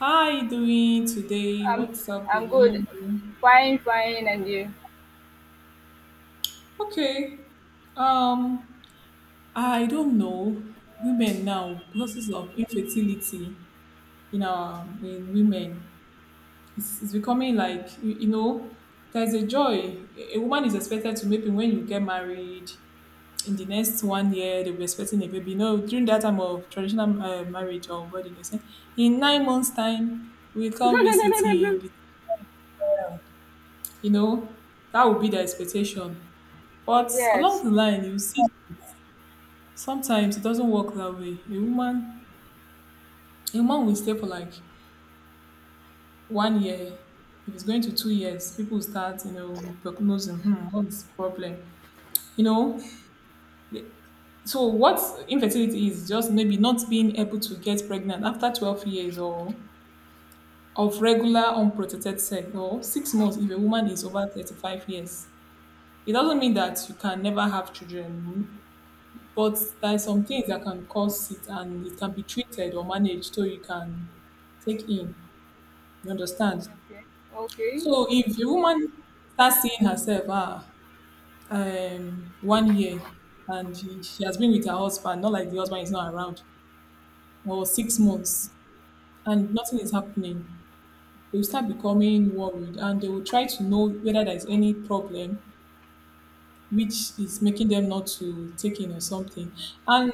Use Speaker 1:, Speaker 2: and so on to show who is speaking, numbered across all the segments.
Speaker 1: How are you doing today?
Speaker 2: I'm
Speaker 1: What's up
Speaker 2: I'm
Speaker 1: with
Speaker 2: good.
Speaker 1: you?
Speaker 2: Fine, fine, and you?
Speaker 1: Okay. Um, I don't know. Women now, causes of infertility in our in women, it's becoming like you, there's a joy. A woman is expected to maybe when you get married in the next one year they'll be expecting a baby. No, during that time of traditional marriage or wedding, they say in 9 months time we come visiting. you know, that would be the expectation. But
Speaker 2: Yes.
Speaker 1: along the line, you see, sometimes it doesn't work that way. A woman will stay for like one year. If it's going to 2 years, people will start, prognosing, what's the problem? You know, the- so what infertility is just maybe not being able to get pregnant after 12 years or of regular unprotected sex or 6 months if a woman is over 35 years. It doesn't mean that you can never have children. But there are some things that can cause it and it can be treated or managed so you can take in. You understand?
Speaker 2: Okay. Okay.
Speaker 1: So if a woman starts seeing herself, one year and she has been with her husband, not like the husband is not around, or 6 months and nothing is happening, they will start becoming worried and they will try to know whether there is any problem which is making them not to take in or something. And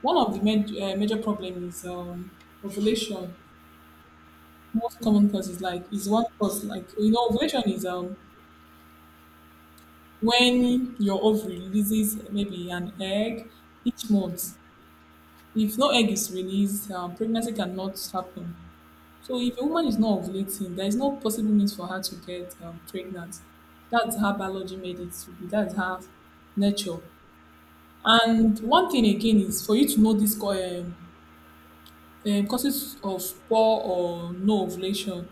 Speaker 1: one of the major problem is ovulation. Most common cause is like is one cause like ovulation is when your ovary releases maybe an egg each month. If no egg is released, pregnancy cannot happen. So if a woman is not ovulating, there is no possible means for her to get pregnant. That's how biology made it to be. That's how nature. And one thing again is for you to know these causes of poor or no ovulation.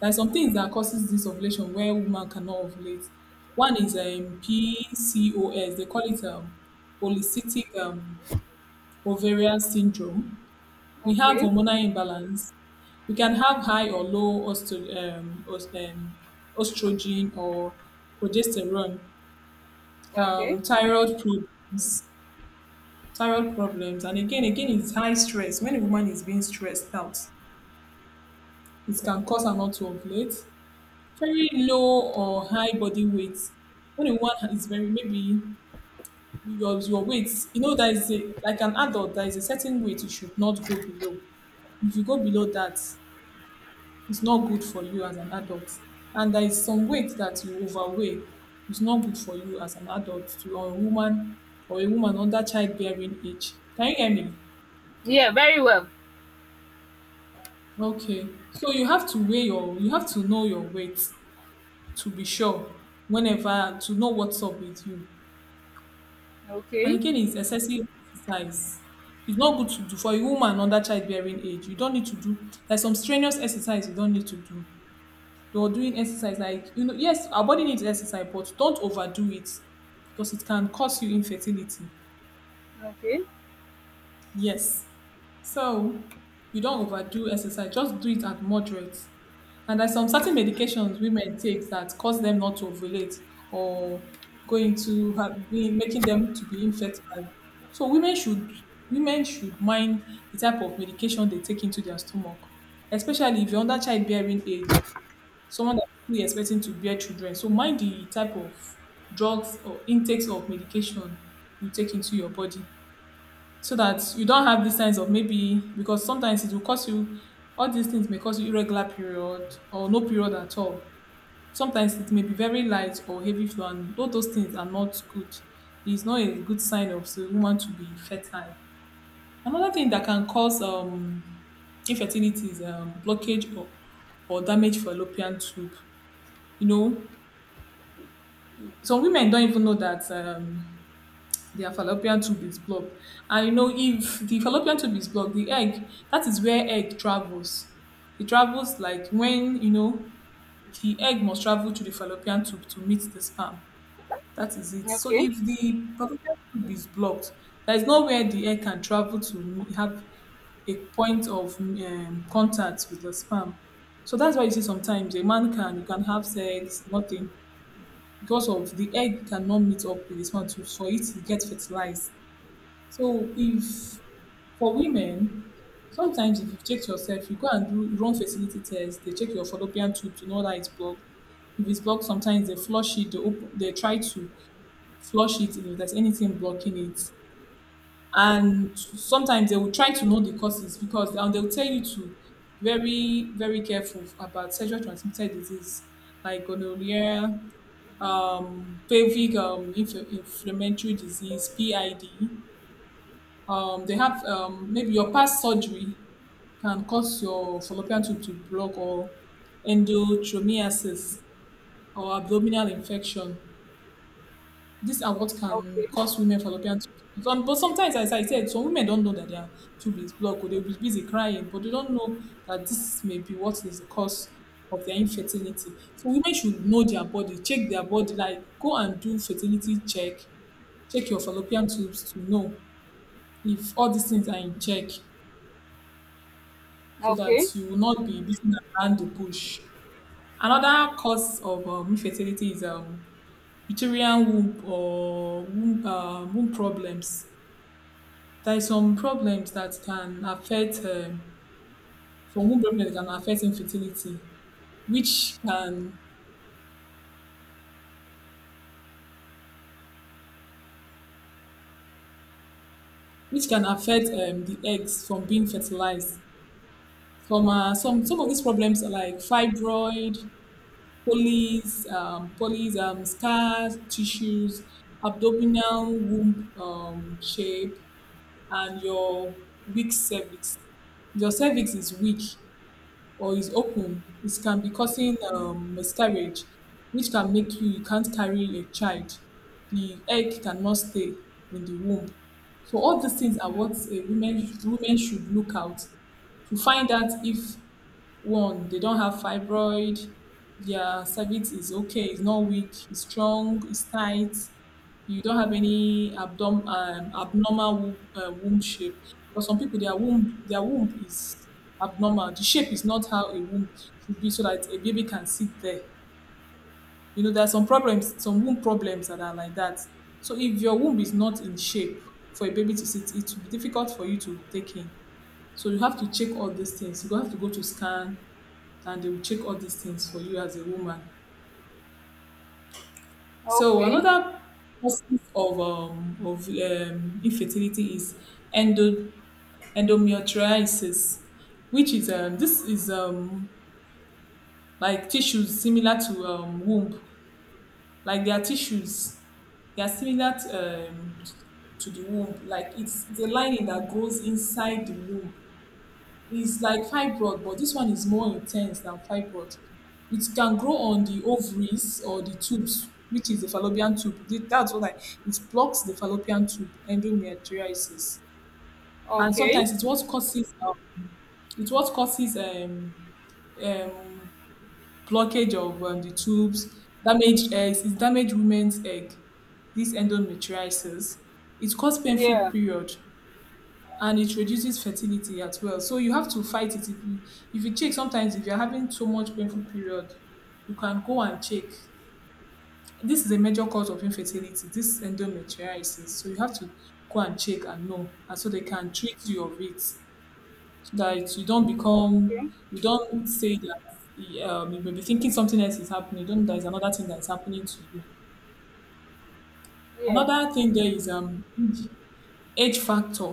Speaker 1: There are some things that causes this ovulation where woman cannot ovulate. One is PCOS. They call it polycystic ovarian syndrome. We have
Speaker 2: Okay.
Speaker 1: hormonal imbalance. We can have high or low estrogen or progesterone,
Speaker 2: Okay.
Speaker 1: thyroid problems and again it's high stress. When a woman is being stressed out, it can cause her not to ovulate. Very low or high body weight, when a woman is very maybe your weight, that is a, like an adult, there is a certain weight you should not go below. If you go below that, it's not good for you as an adult. And there is some weight that you overweigh, it's not good for you as an adult, to or a woman, under childbearing age. Can you hear me?
Speaker 2: Yeah, very well.
Speaker 1: Okay. So you have to weigh you have to know your weight to be sure, whenever, to know what's up with you. And
Speaker 2: Okay.
Speaker 1: again, it's excessive exercise. It's not good to do for a woman under childbearing age. You don't need to do like some strenuous exercise, you don't need to do. Though doing exercise, like yes, our body needs exercise, but don't overdo it, because it can cause you infertility.
Speaker 2: Okay.
Speaker 1: Yes. So you don't overdo exercise, just do it at moderate. And there's some certain medications women take that cause them not to ovulate, or going to have, being, making them to be infertile. So women should mind the type of medication they take into their stomach, especially if you're under childbearing age, someone that's still expecting to bear children. So mind the type of drugs or intakes of medication you take into your body, so that you don't have these signs of, maybe because sometimes it will cause you, all these things may cause you irregular period or no period at all. Sometimes it may be very light or heavy flow, and all those things are not good. It's not a good sign of a woman to be fertile. Another thing that can cause infertility is blockage or damage fallopian tube. You know, some women don't even know that their fallopian tube is blocked. And you know, if the fallopian tube is blocked, the egg, that is where egg travels. It travels like, when, you know, the egg must travel to the fallopian tube to meet the sperm. That is it. So
Speaker 2: Okay.
Speaker 1: if the fallopian tube is blocked, there is nowhere the egg can travel to have a point of contact with the sperm. So that's why you see sometimes a man can, you can have sex, nothing, because of the egg cannot meet up with the sperm to, for it to get fertilized. So if for women, sometimes if you check yourself, you go and do, run fertility test, they check your fallopian tube to know that it's blocked. If it's blocked, sometimes they flush it, they open, they try to flush it if there's anything blocking it. And sometimes they will try to know the causes, because, and they'll tell you to, very, very careful about sexual transmitted disease like gonorrhea, pelvic inflammatory disease, PID, they have, maybe your past surgery can cause your fallopian tube to block, or endometriosis, or abdominal infection. These are what can
Speaker 2: Okay.
Speaker 1: cause women fallopian tube. But sometimes, as I said, some women don't know that their tube is blocked, or they'll be busy crying, but they don't know that this may be what is the cause of their infertility. So women should know their body, check their body, like go and do fertility check, check your fallopian tubes to know if all these things are in check, so that
Speaker 2: Okay.
Speaker 1: you will not be beaten around the bush. Another cause of infertility is uterine womb, or womb, womb problems. There are some problems that can affect some womb problems that can affect infertility, which can which can affect the eggs from being fertilized. Some of these problems are like fibroid, polys, polys, scars, tissues, abdominal womb shape, and your weak cervix. If your cervix is weak or is open, it can be causing miscarriage, which can make you can't carry a child. The egg cannot stay in the womb. So all these things are
Speaker 2: Mm.
Speaker 1: what a women should look out to find out, if one, they don't have fibroid, their cervix is okay, it's not weak, it's strong, it's tight, you don't have any abnormal womb shape. For some people, their womb is abnormal. The shape is not how a womb should be, so that a baby can sit there. You know, there are some problems, some womb problems that are like that. So if your womb is not in shape for a baby to sit, it will be difficult for you to take in. So you have to check all these things. You go have to go to scan, and they will check all these things for you as a woman. So
Speaker 2: Okay.
Speaker 1: another causes of infertility is endo, endometriosis, which is this is like tissues similar to womb, like their tissues, they are similar to the womb, like it's the lining that grows inside the womb. It's like fibroid, but this one is more intense than fibroid. It can grow on the ovaries or the tubes, which is the fallopian tube. That's what I, it blocks the fallopian tube, endometriosis. And
Speaker 2: Okay.
Speaker 1: sometimes it's what causes um, blockage of the tubes, damaged eggs, it's damaged women's egg, this endometriosis. It causes painful
Speaker 2: Yeah.
Speaker 1: period, and it reduces fertility as well. So you have to fight it. If you check, sometimes if you're having too much painful period, you can go and check. This is a major cause of infertility, this endometriosis. So you have to go and check and know, and so they can treat you of it, so that you don't
Speaker 2: Okay.
Speaker 1: become, you don't say that, you may be thinking something else is happening. You don't know there's another thing that's happening to you. Another thing there is age factor.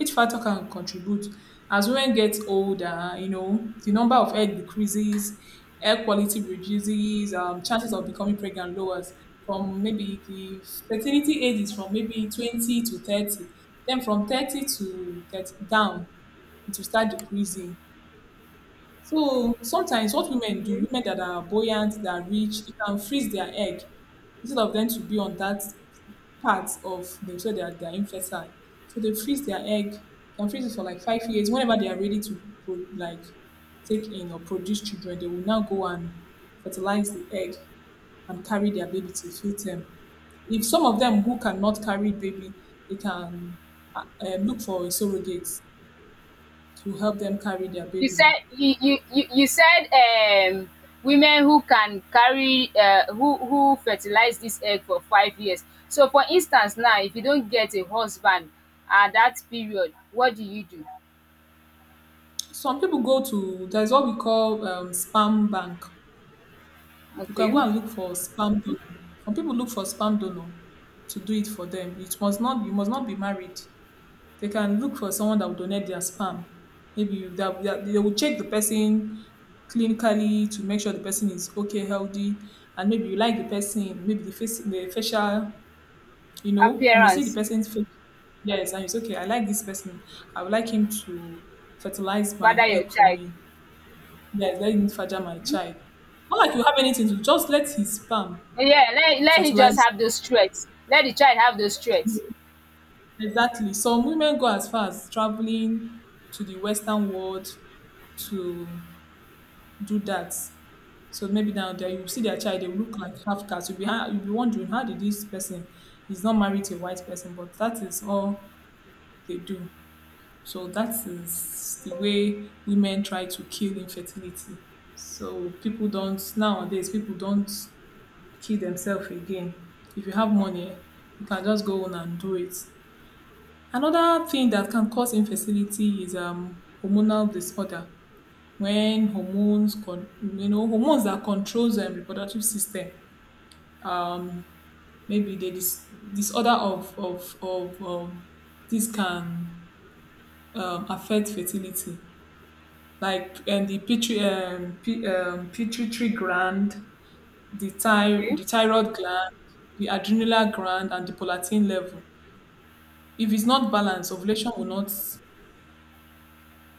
Speaker 1: Age factor can contribute, as women get older, the number of egg decreases, egg quality reduces, chances of becoming pregnant lowers, from maybe the fertility age is from maybe 20 to 30, then from 30 to 30 down, it will start decreasing. So sometimes what women do,
Speaker 2: Yeah.
Speaker 1: women that are buoyant, that are rich, they can freeze their egg instead of them to be on that parts of themselves that they're infertile. So they freeze their egg, can freeze it for like 5 years. Whenever they are ready to like take in or produce children, they will now go and fertilize the egg and carry their baby to full term. If some of them who cannot carry baby, they can look for a surrogate to help them carry their
Speaker 2: You
Speaker 1: baby.
Speaker 2: said you said women who can carry who fertilize this egg for 5 years. So for instance now, if you don't get a husband at that period, what do you do?
Speaker 1: Some people go to there's what we call sperm bank. You can go
Speaker 2: Okay,
Speaker 1: and look for spam donor. Some people look for spam donor to do it for them. It must not You must not be married. They can look for someone that will donate their sperm. That they will check the person clinically to make sure the person is okay, healthy, and maybe you like the person. Maybe the face, the facial. You know, you may see the
Speaker 2: appearance,
Speaker 1: person's face. Yes, and it's okay. I like this person. I would like him to fertilize my
Speaker 2: father your
Speaker 1: egg for
Speaker 2: child.
Speaker 1: me. Yes, let him fertilize my
Speaker 2: Okay,
Speaker 1: child. Not like you have anything to just let his sperm
Speaker 2: yeah, let him just
Speaker 1: fertilizer.
Speaker 2: have those threats. Let the child have those threats.
Speaker 1: Exactly. Some women go as far as traveling to the Western world to do that. So maybe now there
Speaker 2: Okay,
Speaker 1: you see their child, they will look like half caste. You'll be wondering how did this person is not married to a white person, but that is all they do. So that is the way women try to kill infertility. So people don't nowadays people don't kill themselves again. If you have money, you can just go on and do it. Another thing that can cause infertility is hormonal disorder when you know, hormones that controls the reproductive system. Maybe the disorder of this can affect fertility, like and the pituitary pituitary gland,
Speaker 2: okay.
Speaker 1: the thyroid gland, the adrenal gland, and the prolactin level. If it's not balanced, ovulation will not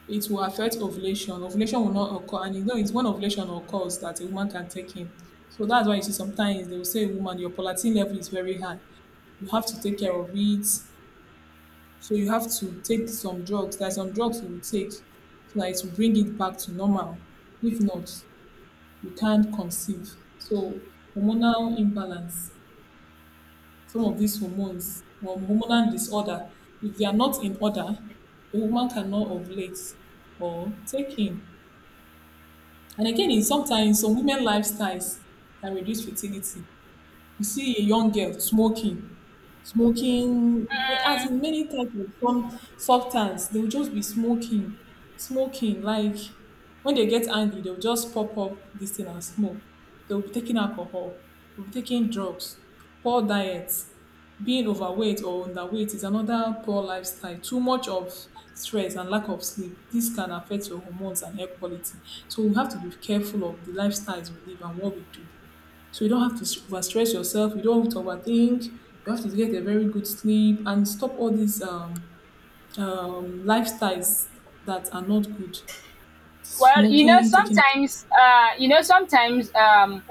Speaker 1: It will affect ovulation. Ovulation will not occur, and you know it's when ovulation occurs that a woman can take in. So that's why you see sometimes they will say, woman, your prolactin level is very high. You have to take care of it. So you have to take some drugs. There are some drugs you will take so that it will bring it back to normal. If not, you can't conceive. So hormonal imbalance, some of these hormones or hormonal disorder, if they are not in order, a woman cannot ovulate or take in. And again, in sometimes some women lifestyles can reduce fertility. You see a young girl smoking, as in many types of some substance, they will just be smoking. Like when they get angry, they'll just pop up this thing and smoke. They'll be taking alcohol, they'll be taking drugs, poor diets, being overweight or underweight is another poor lifestyle. Too much of stress and lack of sleep. This can affect your hormones and hair quality. So we have to be careful of the lifestyles we live and what we do. So you don't have to overstress yourself. You don't have to overthink. You have to get a very good sleep and stop all these lifestyles that are not good.
Speaker 2: Well,
Speaker 1: Smoking, taking.
Speaker 2: you know, sometimes,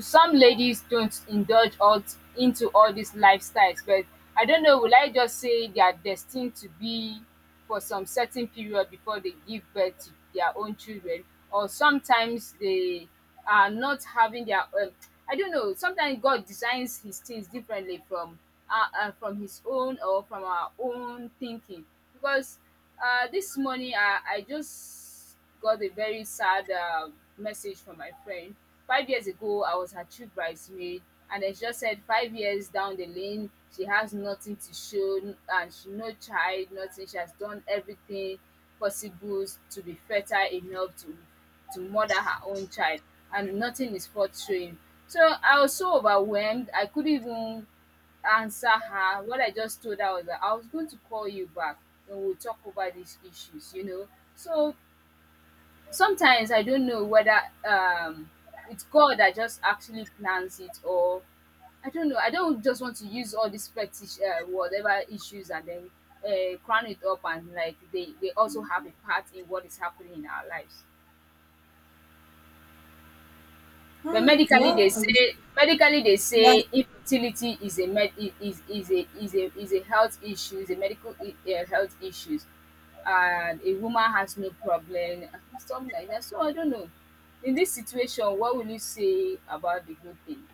Speaker 2: some ladies don't indulge into all these lifestyles, but I don't know. Will I just say they are destined to be for some certain period before they give birth to their own children, or sometimes they are not having their. I don't know. Sometimes God designs His things differently from His own or from our own thinking, because this morning I just got a very sad message from my friend. 5 years ago, I was her chief bridesmaid, and it just said 5 years down the lane, she has nothing to show, and she no child, nothing. She has done everything possible to be fertile enough to mother her own child, and nothing is worth showing. So I was so overwhelmed, I couldn't even answer her. What I just told her was that I was going to call you back and we'll talk over these issues, you know. So sometimes I don't know whether um it's God that just actually plans it, or I don't know. I don't just want to use all these fetish, whatever issues, and then crown it up, and like they also have a part in what is happening in our lives. But
Speaker 1: Hmm,
Speaker 2: medically they
Speaker 1: well, I wish-
Speaker 2: say, medically they
Speaker 1: yeah.
Speaker 2: say infertility is a med is a is a is a health issue, is a medical health issues, and a woman has no problem, something like that. So I don't know. In this situation, what will you say about the good thing?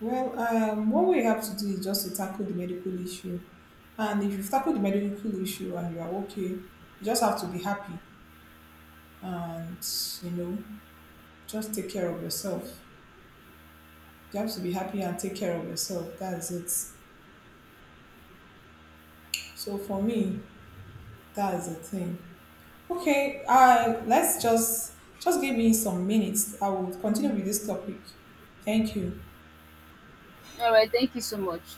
Speaker 1: Well, what we have to do is just to tackle the medical issue. And if you've tackled the medical issue and you are okay, you just have to be happy and, you know, just take care of yourself. You have to be happy and take care of yourself. That is it. So for me, that is the thing. Okay, let's just give me some minutes. I will continue with this topic. Thank you.
Speaker 2: All right, thank you so much.